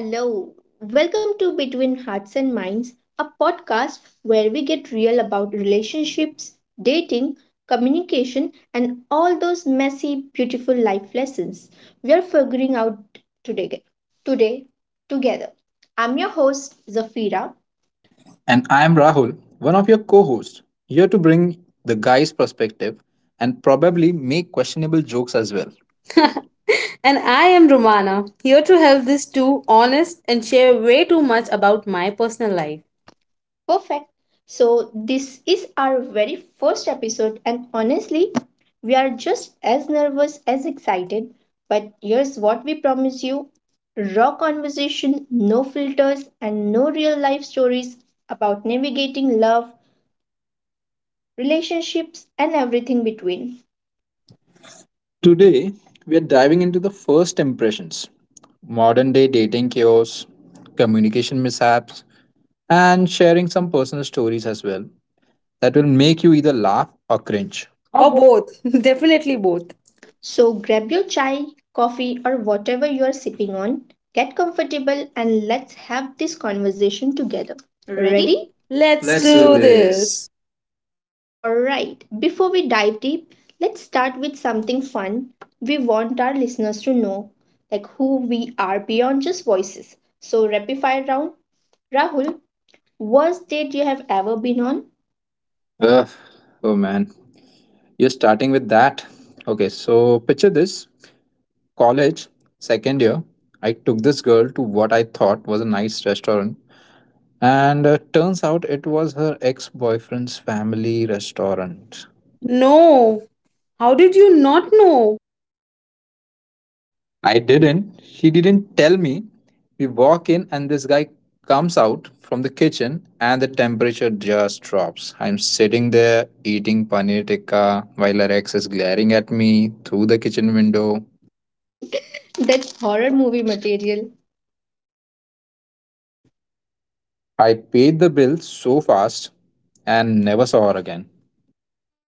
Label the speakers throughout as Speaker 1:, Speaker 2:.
Speaker 1: Hello, welcome to Between Hearts and Minds, a podcast where we get real about relationships, dating, communication, and all those messy, beautiful life lessons we are figuring out today. Today, together. I'm your host, Zafira.
Speaker 2: And I'm Rahul, one of your co hosts, here to bring the guy's perspective and probably make questionable jokes as
Speaker 3: As well.
Speaker 2: well.
Speaker 3: And I am Romana, here to help these two honest and share way too much about my personal life.
Speaker 1: Perfect. So, this is our very first episode, and honestly, we are just as nervous as excited. But here's what we promise you: raw conversation, no filters, and no real life stories about navigating love, relationships, and everything between.
Speaker 2: Today, we are diving into the first impressions modern day dating chaos, communication mishaps, and sharing some personal stories as well that will make you either laugh or cringe. Oh,
Speaker 3: Or
Speaker 2: boy.
Speaker 3: both. Definitely both.
Speaker 1: So, grab your chai, coffee, or whatever you are sipping on, get comfortable, and let's have this conversation together.
Speaker 3: Ready?
Speaker 1: Ready?
Speaker 2: Let's,
Speaker 3: Let's, Let's
Speaker 2: Let's
Speaker 3: do,
Speaker 2: do do
Speaker 3: do this.
Speaker 2: this.
Speaker 3: this.
Speaker 1: All right, before we dive deep, let's start with something fun. We want our listeners to know like who we are beyond just voices. So rapid fire round. Rahul, worst date you have ever been on?
Speaker 2: this. Oh man, you're starting with that. Okay, so picture this college, second year, I took this girl to what I thought was a nice restaurant, and turns out it was her ex boyfriend's family restaurant.
Speaker 3: No. How did you not know?
Speaker 2: I didn't, she didn't tell me. We walk in, and this guy comes out from the kitchen, and the temperature just drops. I'm sitting there eating paneer tikka while her ex is glaring at me through the kitchen window.
Speaker 1: That's horror movie material.
Speaker 2: I paid the bill so fast and never saw her again.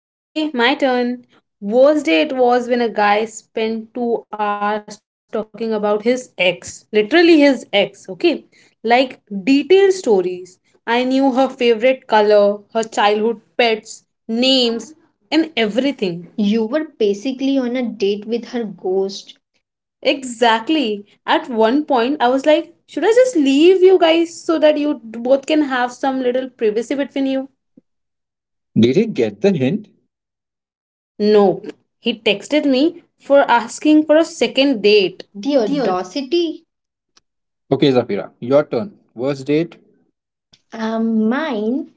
Speaker 3: Okay, my turn. Worst day it was when a guy spent 2 hours talking about his ex. Literally his ex, okay? Like detailed stories. I knew her favorite color, her childhood pets, names, and everything.
Speaker 1: You were basically on a date with her ghost.
Speaker 3: Exactly. At one point, I was like, should I just leave you guys so that you both can have some little privacy between you?
Speaker 2: Did he get the hint?
Speaker 3: No. He texted me for asking for a second date.
Speaker 1: The audacity.
Speaker 2: Okay, Zafira, your turn. Worst date?
Speaker 1: Um, mine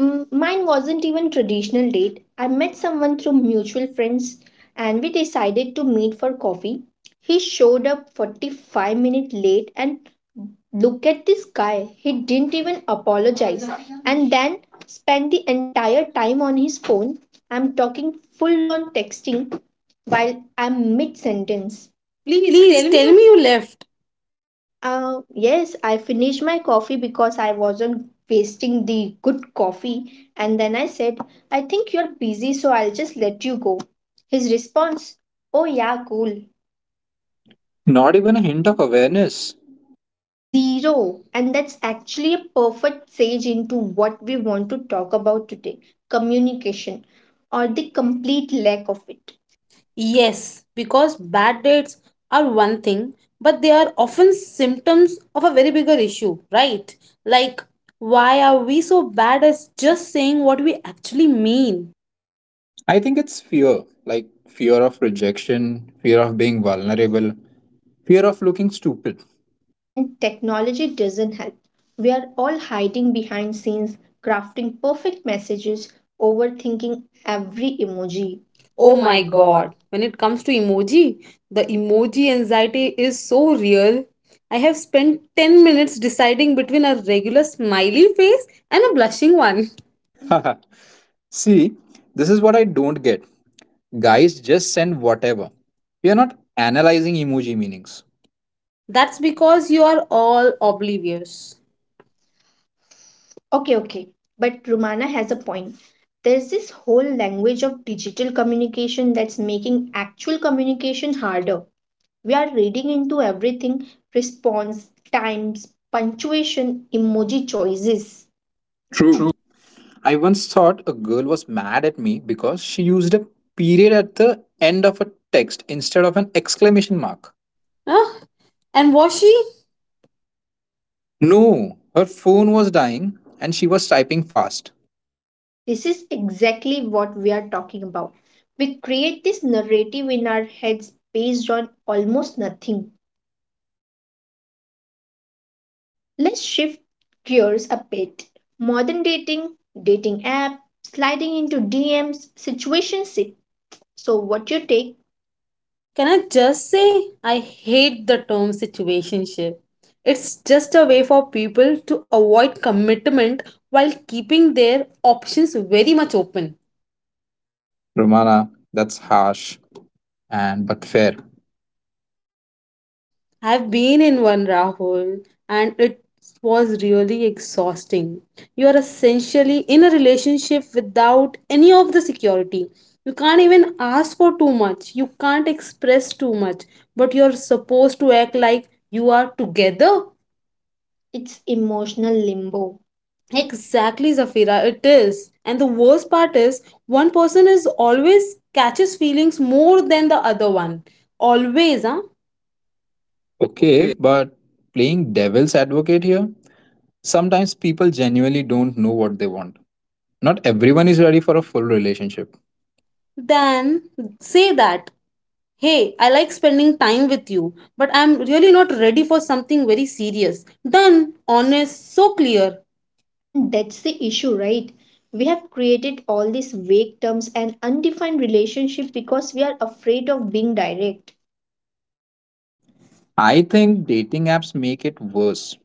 Speaker 1: mine wasn't even traditional date. I met someone through mutual friends and we decided to meet for coffee. He showed up 45 minutes late and look at this guy. He didn't even apologize and then spent the entire time on his phone. I'm talking full on texting while I'm mid sentence. Please tell
Speaker 3: Please
Speaker 1: me
Speaker 3: tell me you left.
Speaker 1: yes, I finished my coffee because I wasn't wasting the good coffee. And then I said, I think you're busy, so I'll just let you go. His response, oh, yeah, cool.
Speaker 2: Not even a hint of awareness.
Speaker 1: Zero. And that's actually a perfect sage into what we want to talk about today, communication or the complete lack of it.
Speaker 3: Yes, because bad dates are one thing, but they are often symptoms of a very bigger issue, right? Like, why are we so bad at just saying what we actually mean?
Speaker 2: I think it's fear. Like fear of rejection, fear of being vulnerable, fear of looking stupid.
Speaker 1: And technology doesn't help. We are all hiding behind scenes, crafting perfect messages, overthinking every emoji. Oh
Speaker 3: Oh
Speaker 1: my
Speaker 3: my
Speaker 1: god.
Speaker 3: god, when it comes to emoji, the emoji anxiety is so real. I have spent 10 minutes deciding between a regular smiley face and a blushing one.
Speaker 2: See, this is what I don't get. Guys just send whatever. We are not analyzing emoji meanings.
Speaker 3: That's because you are all oblivious.
Speaker 1: Okay, okay. But Romana has a point. There's this whole language of digital communication that's making actual communication harder. We are reading into everything: response, times, punctuation, emoji choices.
Speaker 2: True. I once thought a girl was mad at me because she used a period at the end of a text instead of an exclamation mark.
Speaker 3: Huh? And Washi,
Speaker 2: No, her phone was dying and she was typing fast.
Speaker 1: This is exactly what we are talking about. We create this narrative in our heads based on almost nothing. Let's shift gears a bit. Modern dating, dating app, sliding into DMs, situationship. So what you take,
Speaker 3: can I just say I hate the term situationship. It's just a way for people to avoid commitment while keeping their options very much open.
Speaker 2: Romana, that's harsh and but fair.
Speaker 3: I've been in one, Rahul, and it was really exhausting. You are essentially in a relationship without any of the security. You can't even ask for too much, you can't express too much, but you're supposed to act like you are together.
Speaker 1: it's emotional limbo. Like,
Speaker 3: Exactly, Zafira, it is. And the worst part is, one person is always catches feelings more than the other one. Always, huh?
Speaker 2: Okay,
Speaker 3: Okay,
Speaker 2: but playing devil's advocate here, sometimes people genuinely don't know what they want. Not everyone is ready for a full relationship.
Speaker 3: then say that, hey, I like spending time with you, but I'm really not ready for something very serious. Done, honest, so clear.
Speaker 1: and that's the issue, right? We have created all these vague terms and undefined relationship because we are afraid of being direct.
Speaker 2: I think dating apps make it worse.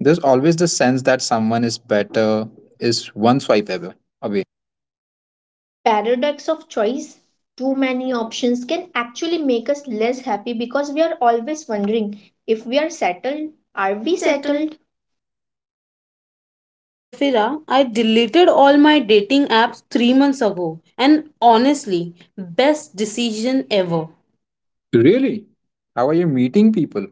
Speaker 2: There's always the sense that someone is better is one swipe ever away.
Speaker 1: Paradox of choice, too many options can actually make us less happy because we are always wondering if we are settled.
Speaker 3: Are
Speaker 1: Are
Speaker 3: we
Speaker 1: we
Speaker 3: settled?
Speaker 1: settled?
Speaker 3: Zafira, I deleted all my dating apps 3 months ago, and honestly, best decision ever.
Speaker 2: Really? How are you meeting people?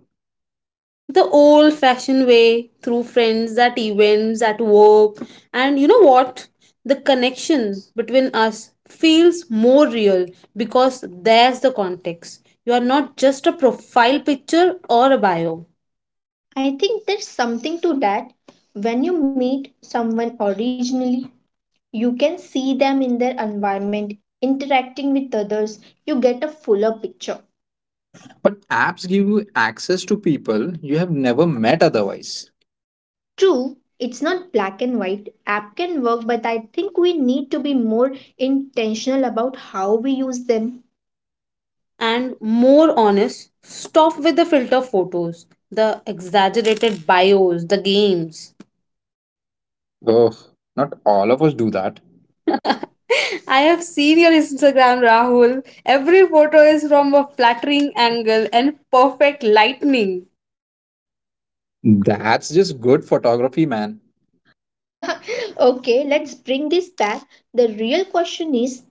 Speaker 3: The old fashioned way, through friends, at events, at work. And you know what, the connection between us feels more real because there's the context. You are not just a profile picture or a bio.
Speaker 1: I think there's something to that. When you meet someone originally, you can see them in their environment, interacting with others. You get a fuller picture.
Speaker 2: But apps give you access to people you have never met otherwise.
Speaker 1: True, it's not black and white. App can work, but I think we need to be more intentional about how we use them.
Speaker 3: And more honest. Stop with the filter photos, the exaggerated bios, the games.
Speaker 2: Oh, not all of us do that.
Speaker 3: I have seen your Instagram, Rahul. Every photo is from a flattering angle and perfect lightning.
Speaker 2: That's just good photography, man.
Speaker 1: Okay, let's bring this back. The real question is,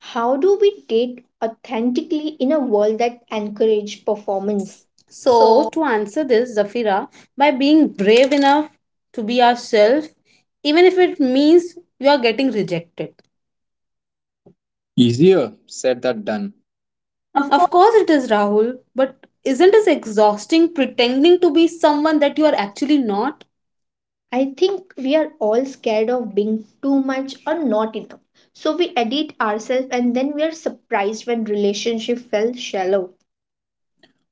Speaker 1: how do we date authentically in a world that encourages performance?
Speaker 3: So,
Speaker 1: So,
Speaker 3: to answer this, Zafira, by being brave enough to be yourself, even if it means you are getting rejected.
Speaker 2: Easier said than done. Of course.
Speaker 3: Of course, it is, Rahul, but isn't it exhausting pretending to be someone that you are actually not?
Speaker 1: I think we are all scared of being too much or not enough. So, we edit ourselves and then we are surprised when relationship felt shallow.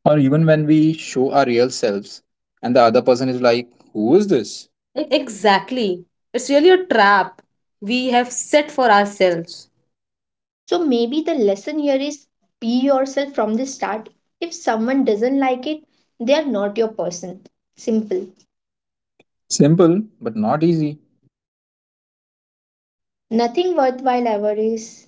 Speaker 2: Or even when we show our real selves and the other person is like, who is this? It-
Speaker 3: Exactly. It's really a trap we have set for ourselves.
Speaker 1: So, maybe the lesson here is be yourself from the start. If someone doesn't like it, they are not your person. Simple.
Speaker 2: simple, but not easy
Speaker 1: Nothing worthwhile ever is.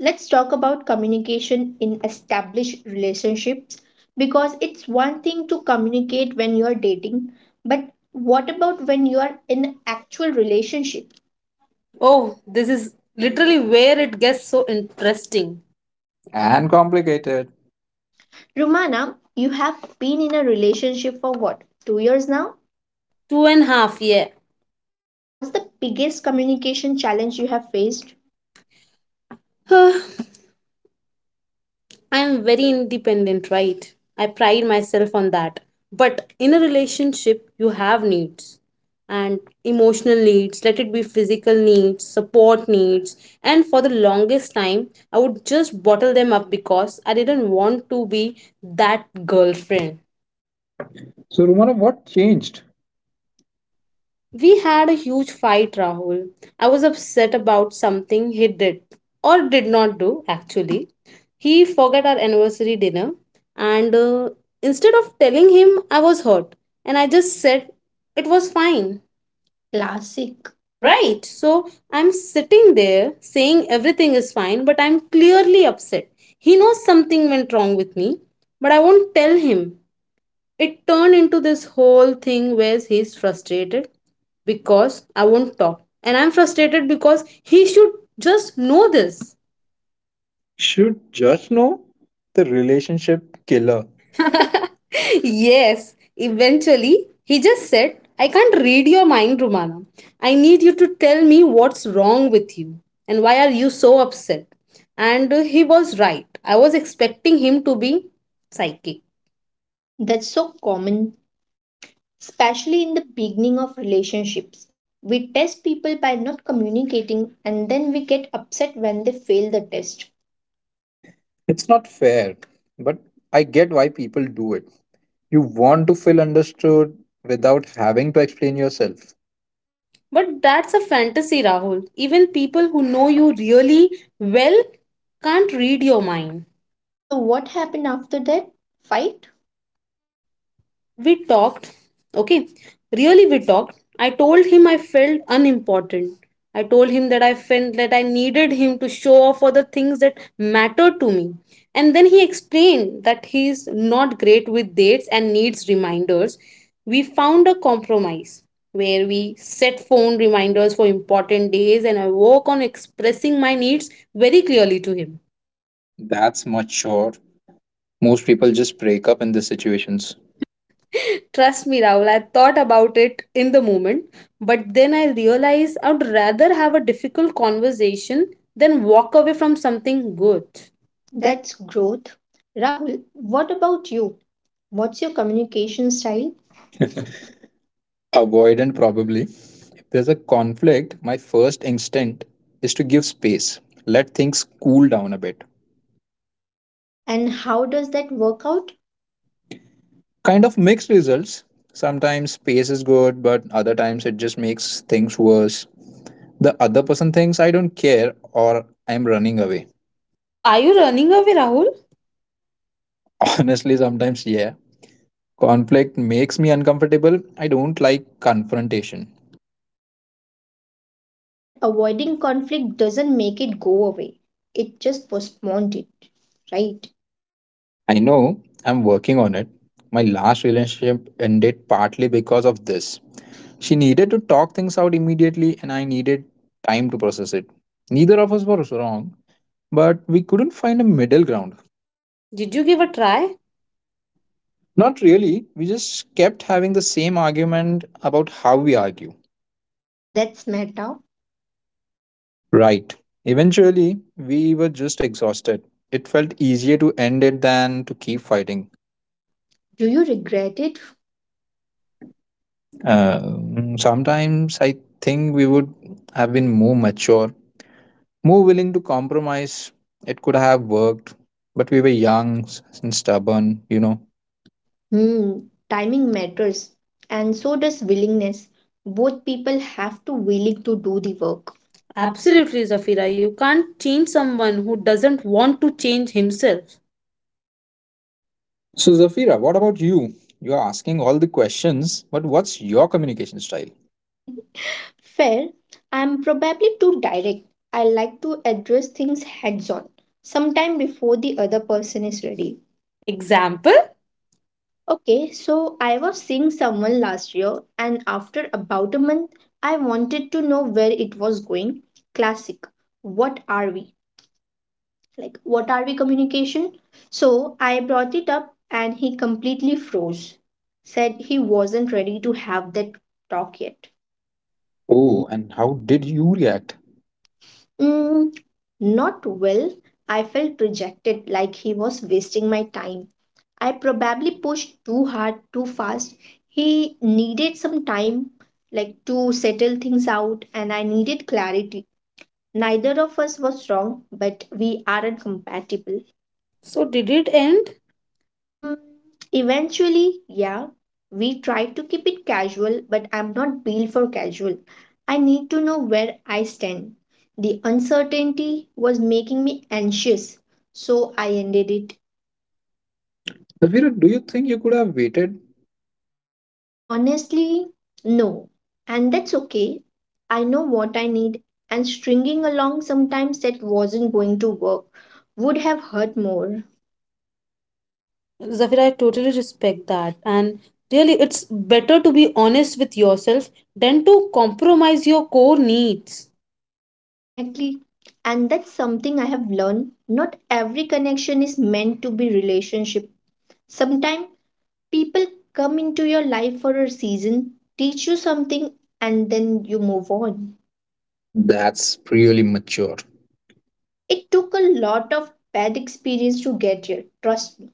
Speaker 1: Let's talk about communication in established relationships because it's one thing to communicate when you're dating, but what about when you are in actual relationship?
Speaker 3: Oh, this is literally where it gets so interesting.
Speaker 2: and complicated.
Speaker 1: Rumana, you have been in a relationship for what, two years now?
Speaker 3: Two and a half, yeah.
Speaker 1: What's the biggest communication challenge you have faced?
Speaker 3: I am very independent, right? I pride myself on that. But in a relationship, you have needs, and emotional needs, let it be physical needs, support needs. And for the longest time, I would just bottle them up because I didn't want to be that girlfriend.
Speaker 2: So, Romana, what changed?
Speaker 3: We had a huge fight, Rahul. I was upset about something he did or did not do, actually. He forgot our anniversary dinner, and instead of telling him, I was hurt, and I just said it was fine.
Speaker 1: Classic. Right.
Speaker 3: Right? So I'm sitting there saying everything is fine, but I'm clearly upset. He knows something went wrong with me, but I won't tell him. It turned into this whole thing where he's frustrated because I won't talk. And I'm frustrated because he should just know this.
Speaker 2: Should just know the relationship killer.
Speaker 3: Yes, eventually he just said, I can't read your mind, Rumana. I need you to tell me what's wrong with you and why are you so upset. And he was right. I was expecting him to be psychic.
Speaker 1: That's so common, especially in the beginning of relationships. We test people by not communicating and then we get upset when they fail the test.
Speaker 2: It's not fair, but I get why people do it. You want to feel understood without having to explain yourself.
Speaker 3: But that's a fantasy, Rahul. Even people who know you really well can't read your mind.
Speaker 1: So, what happened after that fight?
Speaker 3: We talked, okay, really, we talked. I told him I felt unimportant. I told him that I felt that I needed him to show off for the things that matter to me. And then he explained that he is not great with dates and needs reminders. We found a compromise where we set phone reminders for important days and I work on expressing my needs very clearly to him.
Speaker 2: That's mature. Most people just break up in these situations.
Speaker 3: Trust me, Rahul, I thought about it in the moment, but then I realized I would rather have a difficult conversation than walk away from something good. That-
Speaker 1: That's growth. Rahul, what about you? What's your communication style,
Speaker 2: Avoidant, probably. If there's a conflict, my first instinct is to give space, let things cool down a bit.
Speaker 1: and how does that work out?
Speaker 2: Kind of mixed results. Sometimes space is good, but other times it just makes things worse. The other person thinks I don't care or I'm running away.
Speaker 3: So, are you running away, Rahul?
Speaker 2: Honestly, sometimes, yeah. Conflict makes me uncomfortable. I don't like confrontation.
Speaker 1: But avoiding conflict doesn't make it go away, it just postponed it, right?
Speaker 2: I know I'm working on it. My last relationship ended partly because of this. She needed to talk things out immediately, and I needed time to process it. Neither of us were wrong, but we couldn't find a middle ground.
Speaker 3: Did you give a try?
Speaker 2: Not really. We just kept having the same argument about how we argue.
Speaker 1: That's matter.
Speaker 2: Right. Eventually, we were just exhausted. It felt easier to end it than to keep fighting.
Speaker 1: Do you regret it?
Speaker 2: Sometimes I think we would have been more mature, more willing to compromise. It could have worked, but we were and stubborn, you know.
Speaker 1: Hmm, timing matters, and so does willingness. Both people have to willing to do the work. Absolutely.
Speaker 3: Absolutely, Zafira. You can't change someone who doesn't want to change himself.
Speaker 2: So, Zafira, what about you? You are asking all the questions, but what's your communication style?
Speaker 1: Fair. I'm probably too direct. I like to address things heads on, sometime before the other person is ready.
Speaker 3: Example?
Speaker 1: Okay, so I was seeing someone last year, and after about a month, I wanted to know where it was going. Classic. What are we? Like, what are we communication? So I brought it up, and he completely froze. Said he wasn't ready to have that talk yet.
Speaker 2: Oh, and how did you react?
Speaker 1: Mm, Not well. I felt rejected, like he was wasting my time. I probably pushed too hard, too fast. He needed some time, like to settle things out, and I needed clarity. Neither of us was wrong, but we aren't compatible.
Speaker 3: So, did it end?
Speaker 1: Mm, Eventually, yeah, we try to keep it casual, but I'm not built for casual. I need to know where I stand. The uncertainty was making me anxious, so I ended it.
Speaker 2: Zafira, do you think you could have waited?
Speaker 1: Honestly, no. And that's okay. I know what I need, and stringing along sometimes that wasn't going to work would have hurt more.
Speaker 3: Zafira, I totally respect that. And really, it's better to be honest with yourself than to compromise your core needs.
Speaker 1: Exactly. And that's something I have learned. Not every connection is meant to be relationship. Sometimes people come into your life for a season, teach you something, and then you move on.
Speaker 2: That's really mature.
Speaker 1: It took a lot of bad experience to get here, trust me.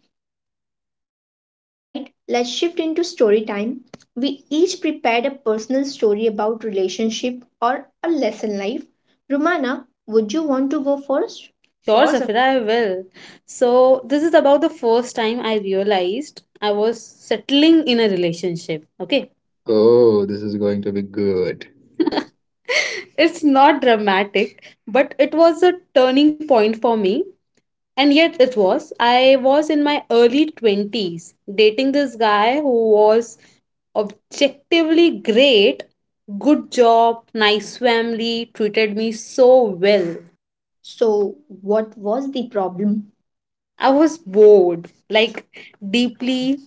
Speaker 1: Alright, let's shift into story time. We each prepared a personal story about relationship or a lesson life. Romana, would you want to go first?
Speaker 3: Sure,
Speaker 1: Sure, Sam-
Speaker 3: Zafira, I will. So, this is about the first time I realized I was settling in a relationship. Okay.
Speaker 2: Oh, this is going to be good.
Speaker 3: It's not dramatic, but it was a turning point for me. And yet, it was. I was in my early 20s dating this guy who was objectively great, good job, nice family, treated me so well.
Speaker 1: So, what was the problem?
Speaker 3: I was bored, like deeply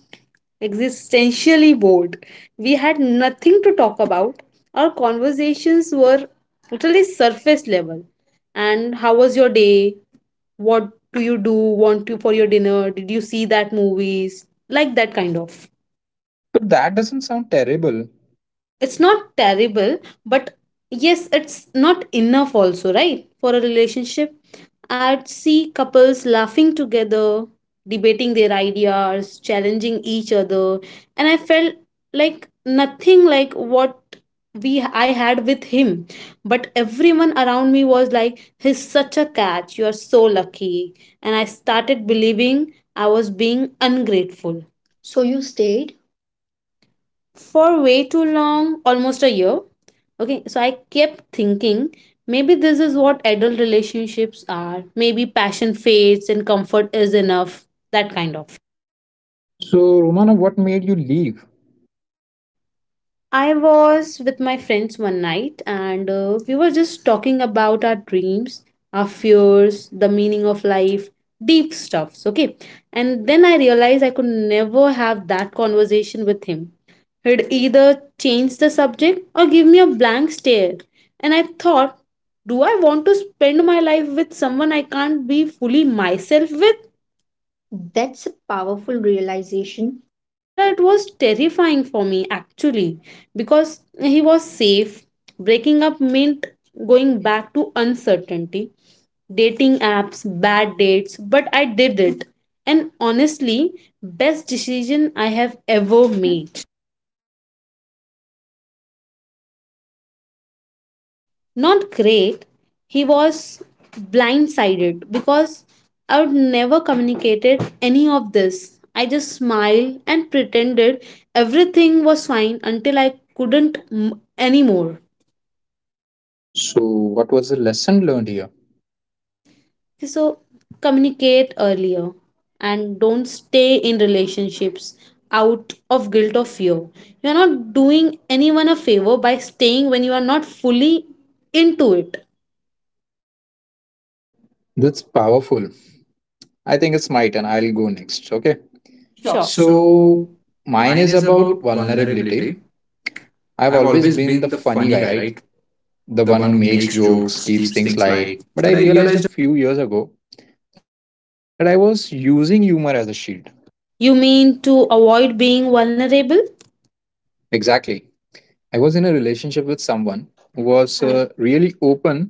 Speaker 3: existentially bored. We had nothing to talk about. Our conversations were totally surface level. And how was your day? What do you do? Want to for your dinner? Did you see that movies? Like that kind of.
Speaker 2: But that doesn't sound terrible.
Speaker 3: It's not terrible, but yes, it's not enough also, right? For a relationship, I'd see couples laughing together, debating their ideas, challenging each other. And I felt like nothing, like what we I had with him. But everyone around me was like, he's such a catch, you're so lucky. And I started believing I was being ungrateful.
Speaker 1: So, you stayed.
Speaker 3: For way too long, almost a year. Okay, so I kept thinking maybe this is what adult relationships are. Maybe passion fades and comfort is enough, that kind of.
Speaker 2: So, Romana, what made you leave?
Speaker 3: I was with my friends one night and we were just talking about our dreams, our fears, the meaning of life, deep stuffs, okay? And then I realized I could never have that conversation with him. He'd either change the subject or give me a blank stare. And I thought, do I want to spend my life with someone I can't be fully myself with?
Speaker 1: That's a powerful realization.
Speaker 3: Zafira, it was terrifying for me actually, because he was safe. Breaking up meant going back to uncertainty, dating apps, bad dates, but I did it. And honestly, best decision I have ever made. Not great. He was blindsided because I would never communicated any of this. I just smiled and pretended everything was fine until I couldn't anymore.
Speaker 2: So, what was the lesson learned here?
Speaker 3: So communicate earlier, and don't stay in relationships out of guilt or fear. You're not doing anyone a favor by staying when you are not fully into it.
Speaker 2: That's powerful. I think it's my turn. I'll go next. Okay. Sure.
Speaker 3: Sure.
Speaker 2: So,
Speaker 3: So
Speaker 2: mine
Speaker 3: mine
Speaker 2: is
Speaker 3: is
Speaker 2: about
Speaker 3: about
Speaker 2: vulnerability.
Speaker 3: vulnerability.
Speaker 2: I've
Speaker 3: I've
Speaker 2: always
Speaker 3: always
Speaker 2: been the
Speaker 3: been the
Speaker 2: funny
Speaker 3: funny
Speaker 2: guy,
Speaker 3: guy,
Speaker 2: right?
Speaker 3: right?
Speaker 2: The
Speaker 3: The
Speaker 2: one
Speaker 3: one
Speaker 2: who
Speaker 3: who
Speaker 2: makes
Speaker 3: makes
Speaker 2: jokes,
Speaker 3: jokes,
Speaker 2: keeps
Speaker 3: keeps
Speaker 2: things
Speaker 3: things
Speaker 2: light.
Speaker 3: light.
Speaker 2: But I
Speaker 3: But I
Speaker 2: realized a
Speaker 3: realized.
Speaker 2: few years ago that I was using humor as a shield.
Speaker 3: You mean to avoid being vulnerable?
Speaker 2: Exactly. I was in a relationship with someone who was really open,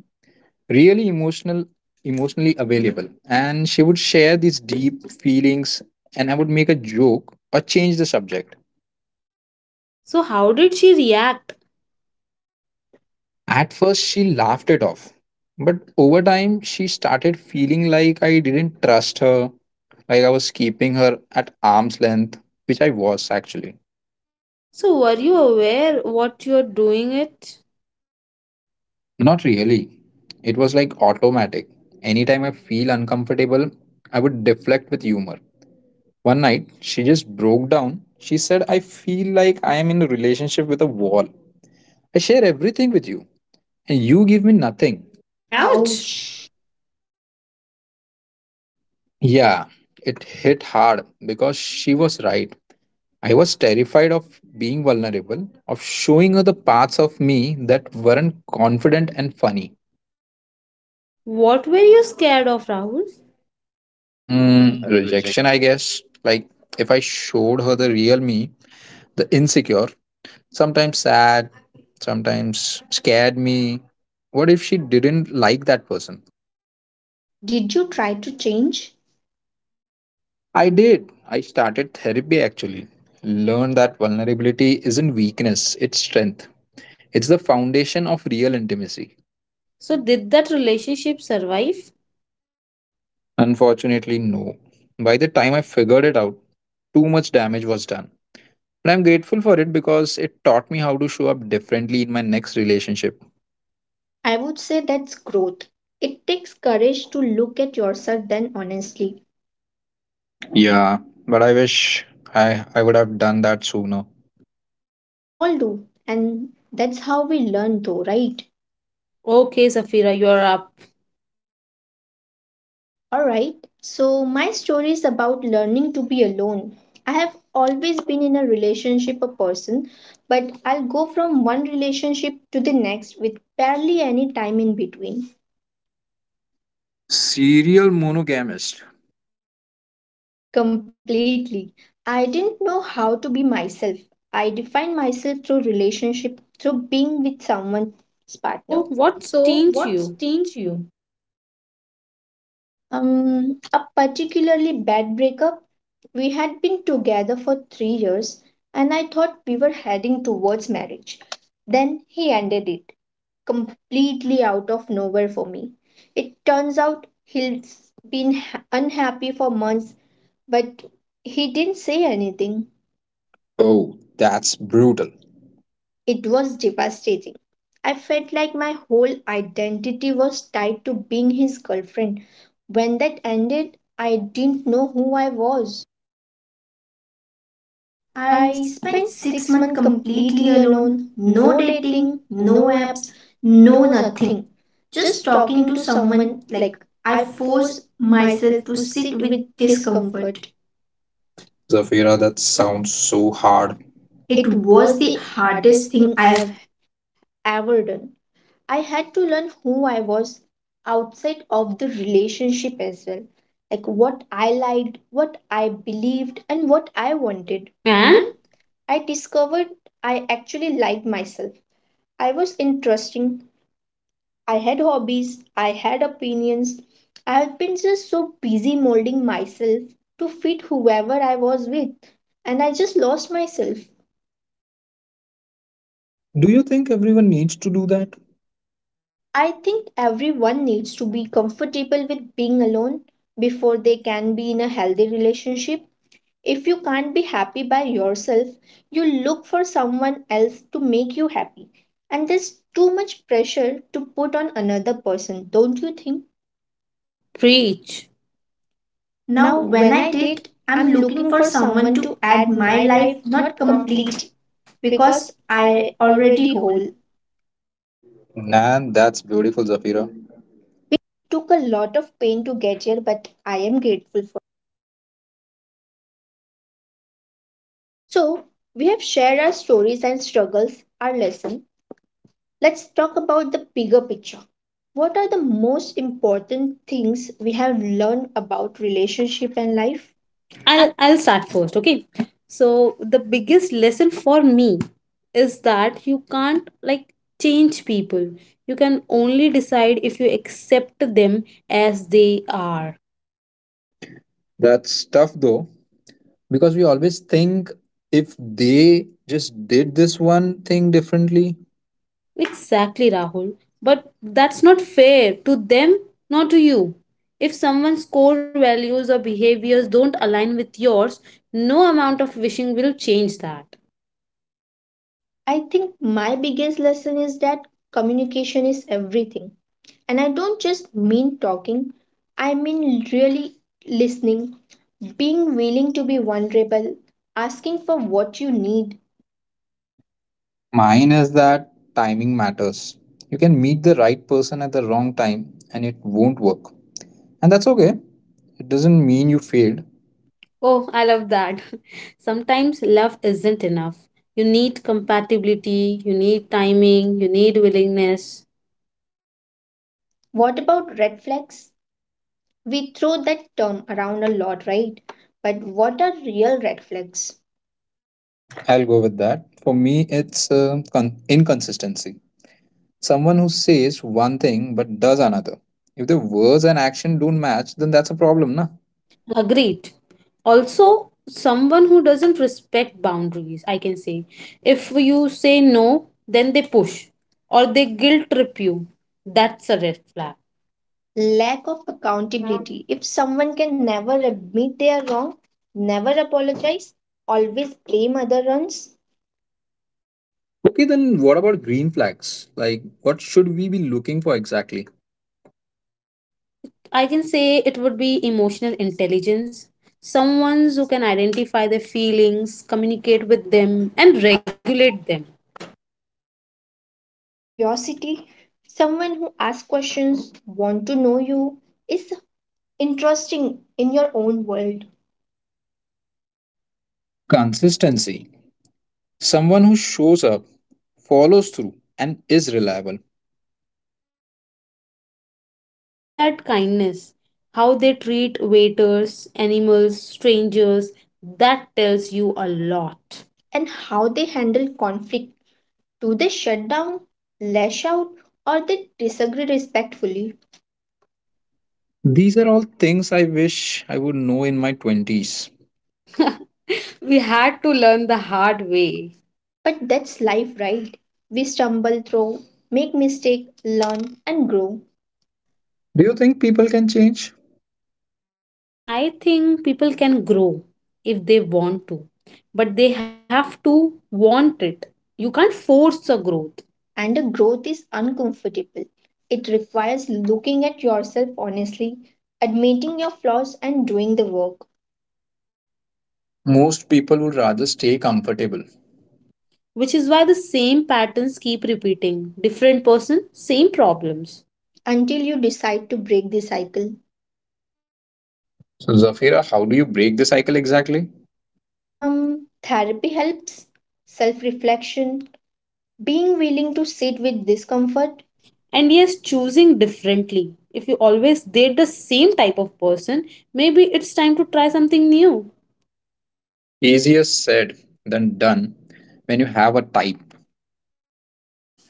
Speaker 2: really emotional, emotionally available, and she would share these deep feelings, and I would make a joke or change the subject.
Speaker 3: So how did she react?
Speaker 2: At first she laughed it off, but over time she started feeling like I didn't trust her, like I was keeping her at arm's length, which I was actually.
Speaker 3: So were you aware what you're doing it?
Speaker 2: Not really. It was like automatic. Anytime I feel uncomfortable, I would deflect with humor. One night, she just broke down. She said, I feel like I am in a relationship with a wall. I share everything with you, and you give me nothing.
Speaker 3: Ouch!
Speaker 1: Ouch. Ouch.
Speaker 3: Ouch.
Speaker 2: Yeah, it hit hard because she was right. I was terrified of being vulnerable, of showing her the parts of me that weren't confident and funny.
Speaker 3: What were you scared of, Rahul?
Speaker 1: Mm,
Speaker 2: Rejection, I guess. Like, if I showed her the real me, the insecure, sometimes sad, sometimes scared me. What if she didn't like that person?
Speaker 1: did you try to change?
Speaker 2: I did. I started therapy actually. Learned that vulnerability isn't weakness, it's strength. It's the foundation of real intimacy.
Speaker 3: So did that relationship survive?
Speaker 2: Unfortunately, no. By the time I figured it out, too much damage was done. But I'm grateful for it because it taught me how to show up differently in my next relationship.
Speaker 1: I would say that's growth. It takes courage to look at yourself then honestly.
Speaker 2: Yeah, but I wish I would have done that sooner.
Speaker 1: We all do, and that's how we learn, though, right?
Speaker 3: Okay, Safira, you're up.
Speaker 1: All right. So, my story is about learning to be alone. I have always been in a relationship a person, but I'll go from one relationship to the next with barely any time in between.
Speaker 2: Serial monogamist.
Speaker 1: Completely. I didn't know how to be myself. I defined myself through relationship, through being with someone's partner.
Speaker 3: So
Speaker 1: So,
Speaker 3: what
Speaker 1: what's
Speaker 3: changed
Speaker 1: changed
Speaker 3: you?
Speaker 1: you? A particularly bad breakup. We had been together for 3 years, and I thought we were heading towards marriage. Then he ended it completely out of nowhere for me. It turns out he's been unhappy for months, but he didn't say anything.
Speaker 2: Oh, that's brutal.
Speaker 1: It was devastating. I felt like my whole identity was tied to being his girlfriend. When that ended, I didn't know who I was.
Speaker 3: I
Speaker 1: I
Speaker 3: spent
Speaker 1: spent
Speaker 3: six
Speaker 1: six
Speaker 3: months
Speaker 1: months
Speaker 3: completely
Speaker 1: completely
Speaker 3: alone.
Speaker 1: alone,
Speaker 3: No
Speaker 1: no dating,
Speaker 3: dating, no
Speaker 1: no
Speaker 3: apps,
Speaker 1: apps,
Speaker 3: no
Speaker 1: no
Speaker 3: nothing.
Speaker 1: nothing.
Speaker 3: Just
Speaker 1: Just
Speaker 3: talking
Speaker 1: talking
Speaker 3: to
Speaker 1: to
Speaker 3: someone,
Speaker 1: someone,
Speaker 3: like,
Speaker 1: like,
Speaker 3: I
Speaker 1: I
Speaker 3: forced
Speaker 1: forced
Speaker 3: myself
Speaker 1: myself
Speaker 3: to
Speaker 1: to
Speaker 3: sit
Speaker 1: sit
Speaker 3: with
Speaker 1: with
Speaker 3: discomfort.
Speaker 1: discomfort.
Speaker 2: Zafira,
Speaker 3: Zafira,
Speaker 2: that
Speaker 3: that
Speaker 2: sounds
Speaker 3: sounds
Speaker 2: so
Speaker 3: so hard.
Speaker 2: hard.
Speaker 3: It
Speaker 1: It
Speaker 3: was
Speaker 1: was
Speaker 3: the
Speaker 1: the
Speaker 3: hardest
Speaker 1: hardest
Speaker 3: thing
Speaker 1: thing
Speaker 3: I
Speaker 1: I
Speaker 3: have
Speaker 1: have ever done. I had to learn who I was outside of the relationship as well. Like what I liked, what I believed, and what I
Speaker 3: did.
Speaker 1: wanted.
Speaker 3: And
Speaker 1: And I discovered I actually liked myself. I was interesting. I had hobbies. I had opinions. I have been just so busy molding myself to fit whoever I was with. And I just lost myself.
Speaker 2: Do you think everyone needs to do that?
Speaker 1: I think everyone needs to be comfortable with being alone before they can be in a healthy relationship. If you can't be happy by yourself, you look for someone else to make you happy. And there's too much pressure to put on another person, don't you think?
Speaker 3: preach. Now,
Speaker 1: Now,
Speaker 3: when
Speaker 1: when
Speaker 3: I
Speaker 1: I
Speaker 3: date,
Speaker 1: date,
Speaker 3: I'm
Speaker 1: I'm
Speaker 3: looking
Speaker 1: looking
Speaker 3: for
Speaker 1: for
Speaker 3: someone
Speaker 1: someone
Speaker 3: to
Speaker 1: to
Speaker 3: add
Speaker 1: add
Speaker 3: my
Speaker 1: my
Speaker 3: life,
Speaker 1: life,
Speaker 3: not
Speaker 1: not
Speaker 3: complete,
Speaker 1: complete, because
Speaker 3: because I
Speaker 1: I
Speaker 3: already
Speaker 1: already
Speaker 3: whole
Speaker 1: whole.
Speaker 2: Man, that's beautiful, Zafira.
Speaker 1: It took a lot of pain to get here, but I am grateful. So, we have shared our stories and struggles, our lesson. Let's talk about the bigger picture. What are the most important things we have learned about relationship and
Speaker 3: life.
Speaker 1: life?
Speaker 3: I'll start first, okay? So the biggest lesson for me is that you can't like change people. You can only decide if you accept them as they are.
Speaker 2: That's tough though, because we always think if they just did this one thing differently.
Speaker 3: Exactly, Rahul. But that's not fair to them, not to you. If someone's core values or behaviors don't align with yours, no amount of wishing will change that.
Speaker 1: I think my biggest lesson is that communication is everything. And I don't just mean talking, I mean really listening, being willing to be vulnerable, asking for what you need.
Speaker 2: Mine is that timing matters. You can meet the right person at the wrong time and it won't work. And that's okay. It doesn't mean you failed.
Speaker 3: Oh, I love that. Sometimes love isn't enough. You need compatibility, you need timing, you need willingness.
Speaker 1: What about red flags? We throw that term around a lot, right? But what are real red flags?
Speaker 2: I'll go with that. For me, it's inconsistency. Someone who says one thing but does another. If the words and action don't match, then that's a problem, na?
Speaker 3: Agreed. Also, someone who doesn't respect boundaries, I can say. If you say no, then they push or they guilt trip you. That's a red flag.
Speaker 1: Lack of accountability. If someone can never admit they are wrong, never apologize, always blame other ones,
Speaker 2: Okay, then what about green flags? Like, what should we be looking for exactly?
Speaker 3: I can say it would be emotional intelligence. Someone who can identify their feelings, communicate with them, and regulate them.
Speaker 1: curiosity, someone who asks questions, want to know you, is interesting in your own world,
Speaker 2: Consistency. Someone who shows up, follows through, and is reliable.
Speaker 3: I would add kindness. How they treat waiters, animals, strangers, that tells you a lot.
Speaker 1: and how they handle conflict. Do they shut down, lash out, or they disagree respectfully?
Speaker 2: These are all things I wish I would know in my 20s.
Speaker 3: We had to learn the hard way.
Speaker 1: But that's life, right? We stumble through, make mistake, learn and grow.
Speaker 2: Do you think people can change?
Speaker 3: I think people can grow if they want to, but they have to want it. You can't force a growth,
Speaker 1: And the growth is uncomfortable. It requires looking at yourself honestly, admitting your flaws and doing the work
Speaker 2: Most people would rather stay comfortable.
Speaker 3: which is why the same patterns keep repeating. Different person, same problems.
Speaker 1: until you decide to break the cycle.
Speaker 2: So, Zafira, how do you break the cycle exactly?
Speaker 1: Therapy helps, self-reflection, being willing to sit with discomfort.
Speaker 3: Comfort. And yes, choosing differently. If you always date the same type of person, maybe it's time to try something new.
Speaker 2: Easier said than done when you have a type.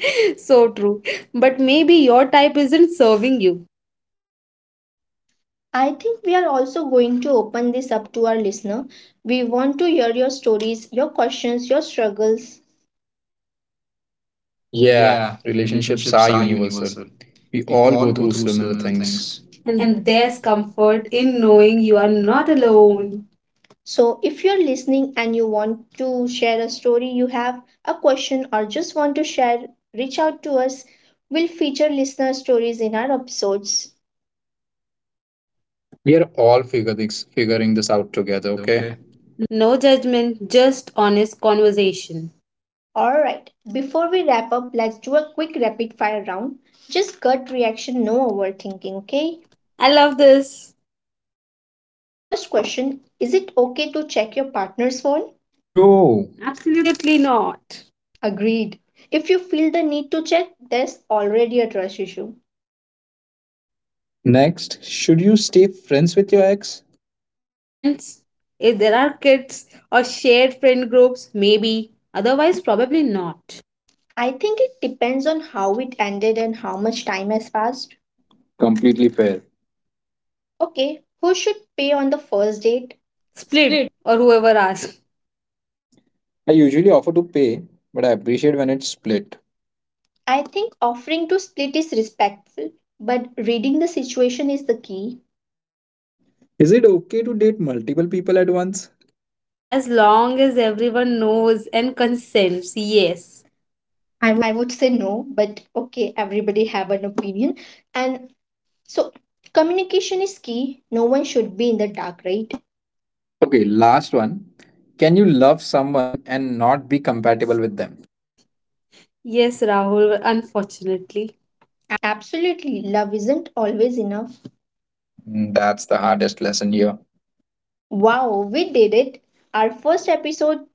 Speaker 3: So true, but maybe your type isn't serving you.
Speaker 1: I think we are also going to open this up to our listener. We want to hear your stories, your questions, your struggles.
Speaker 2: Yeah,
Speaker 1: Yeah,
Speaker 2: relationships
Speaker 1: relationships
Speaker 2: are
Speaker 1: are
Speaker 2: universal.
Speaker 1: universal.
Speaker 2: We
Speaker 1: We
Speaker 2: all
Speaker 1: all
Speaker 2: go
Speaker 1: go
Speaker 2: through
Speaker 1: through
Speaker 2: similar
Speaker 1: similar
Speaker 2: things.
Speaker 1: things.
Speaker 2: And
Speaker 3: And
Speaker 1: And
Speaker 3: there's
Speaker 1: there's
Speaker 3: comfort
Speaker 1: comfort
Speaker 3: in
Speaker 1: in
Speaker 3: knowing
Speaker 1: knowing
Speaker 3: you
Speaker 1: you
Speaker 3: are
Speaker 1: are
Speaker 3: not
Speaker 1: not
Speaker 3: alone.
Speaker 1: alone. So, if you're listening and you want to share a story you have, a question, or just want to share, reach out to us. We'll feature listener stories in our episodes.
Speaker 2: we are all figuring this out together,
Speaker 3: Together,
Speaker 2: okay?
Speaker 3: okay? No judgment, just honest conversation.
Speaker 1: Alright, before we wrap up, let's do a quick rapid fire round. Just gut reaction, no overthinking, okay?
Speaker 3: I love this.
Speaker 1: First question, is it okay to check your partner's phone?
Speaker 2: No. Absolutely.
Speaker 3: Absolutely not.
Speaker 1: Agreed. If you feel the need to check, there's already a trust issue.
Speaker 2: Next, should you stay friends with your ex?
Speaker 3: Depends. If there are kids or shared friend groups, maybe. Otherwise probably not.
Speaker 1: I think it depends on how it ended and how much time has passed.
Speaker 2: Completely fair.
Speaker 1: Okay, who should pay on the first date?
Speaker 3: Split,
Speaker 1: Split.
Speaker 3: or whoever asks.
Speaker 2: I usually offer to pay, but I appreciate when it's split.
Speaker 1: I think offering to split is respectful, but reading the situation is the key.
Speaker 2: Is it okay to date multiple people at once?
Speaker 3: As long as everyone knows and consents, yes.
Speaker 2: I-
Speaker 1: I would say no, but okay, everybody have an opinion. And so communication is key. No one should be in the dark, right?
Speaker 2: okay, last one. Can you love someone and not be compatible with them?
Speaker 3: Yes, Rahul, unfortunately.
Speaker 1: Absolutely. Love isn't always enough.
Speaker 2: That's the hardest lesson here.
Speaker 1: Wow, we did it. Our first episode,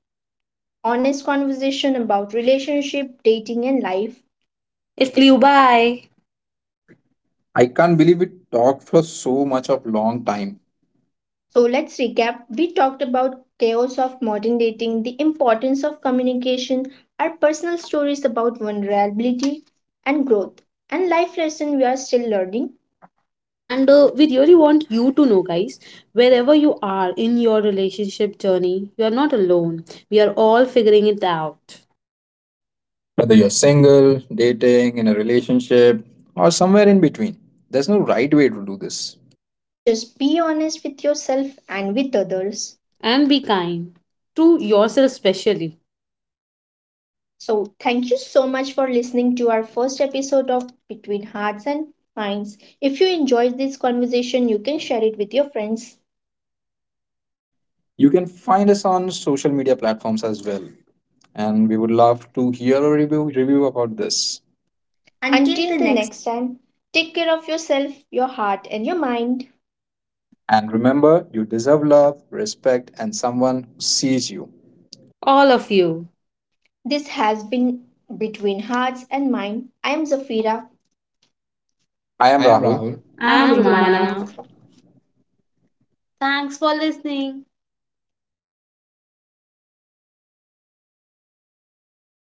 Speaker 1: honest conversation about relationship, dating and life.
Speaker 3: It
Speaker 1: It-
Speaker 3: flew by.
Speaker 2: I can't believe we talked for so much of long time.
Speaker 1: So let's recap. We talked about chaos of modern dating, the importance of communication, our personal stories about vulnerability and growth, and life lesson we are still learning.
Speaker 3: And we really want you to know, guys, wherever you are in your relationship journey, you are not alone. We are all figuring it out.
Speaker 2: Whether you're single, dating, in a relationship, or somewhere in between, there's no right way to do this.
Speaker 1: Just be honest with yourself and with others.
Speaker 3: And be kind to yourself, especially.
Speaker 1: So, thank you so much for listening to our first episode of Between Hearts and Minds. If you enjoyed this conversation, you can share it with your friends.
Speaker 2: You can find us on social media platforms as well, and we would love to hear a review about this.
Speaker 3: Until the
Speaker 1: Until the
Speaker 3: next.
Speaker 1: next time, take care of yourself, your heart, and your mind.
Speaker 2: And remember, you deserve love, respect, and someone who sees you.
Speaker 3: All of you.
Speaker 1: This has been Between Hearts and Mind. I am Zafira.
Speaker 2: I am
Speaker 1: I am
Speaker 2: Rahul.
Speaker 1: Rahul.
Speaker 2: I'm
Speaker 3: I'm
Speaker 1: I'm
Speaker 2: Romana.
Speaker 3: Romana.
Speaker 1: Romana. Thanks for listening.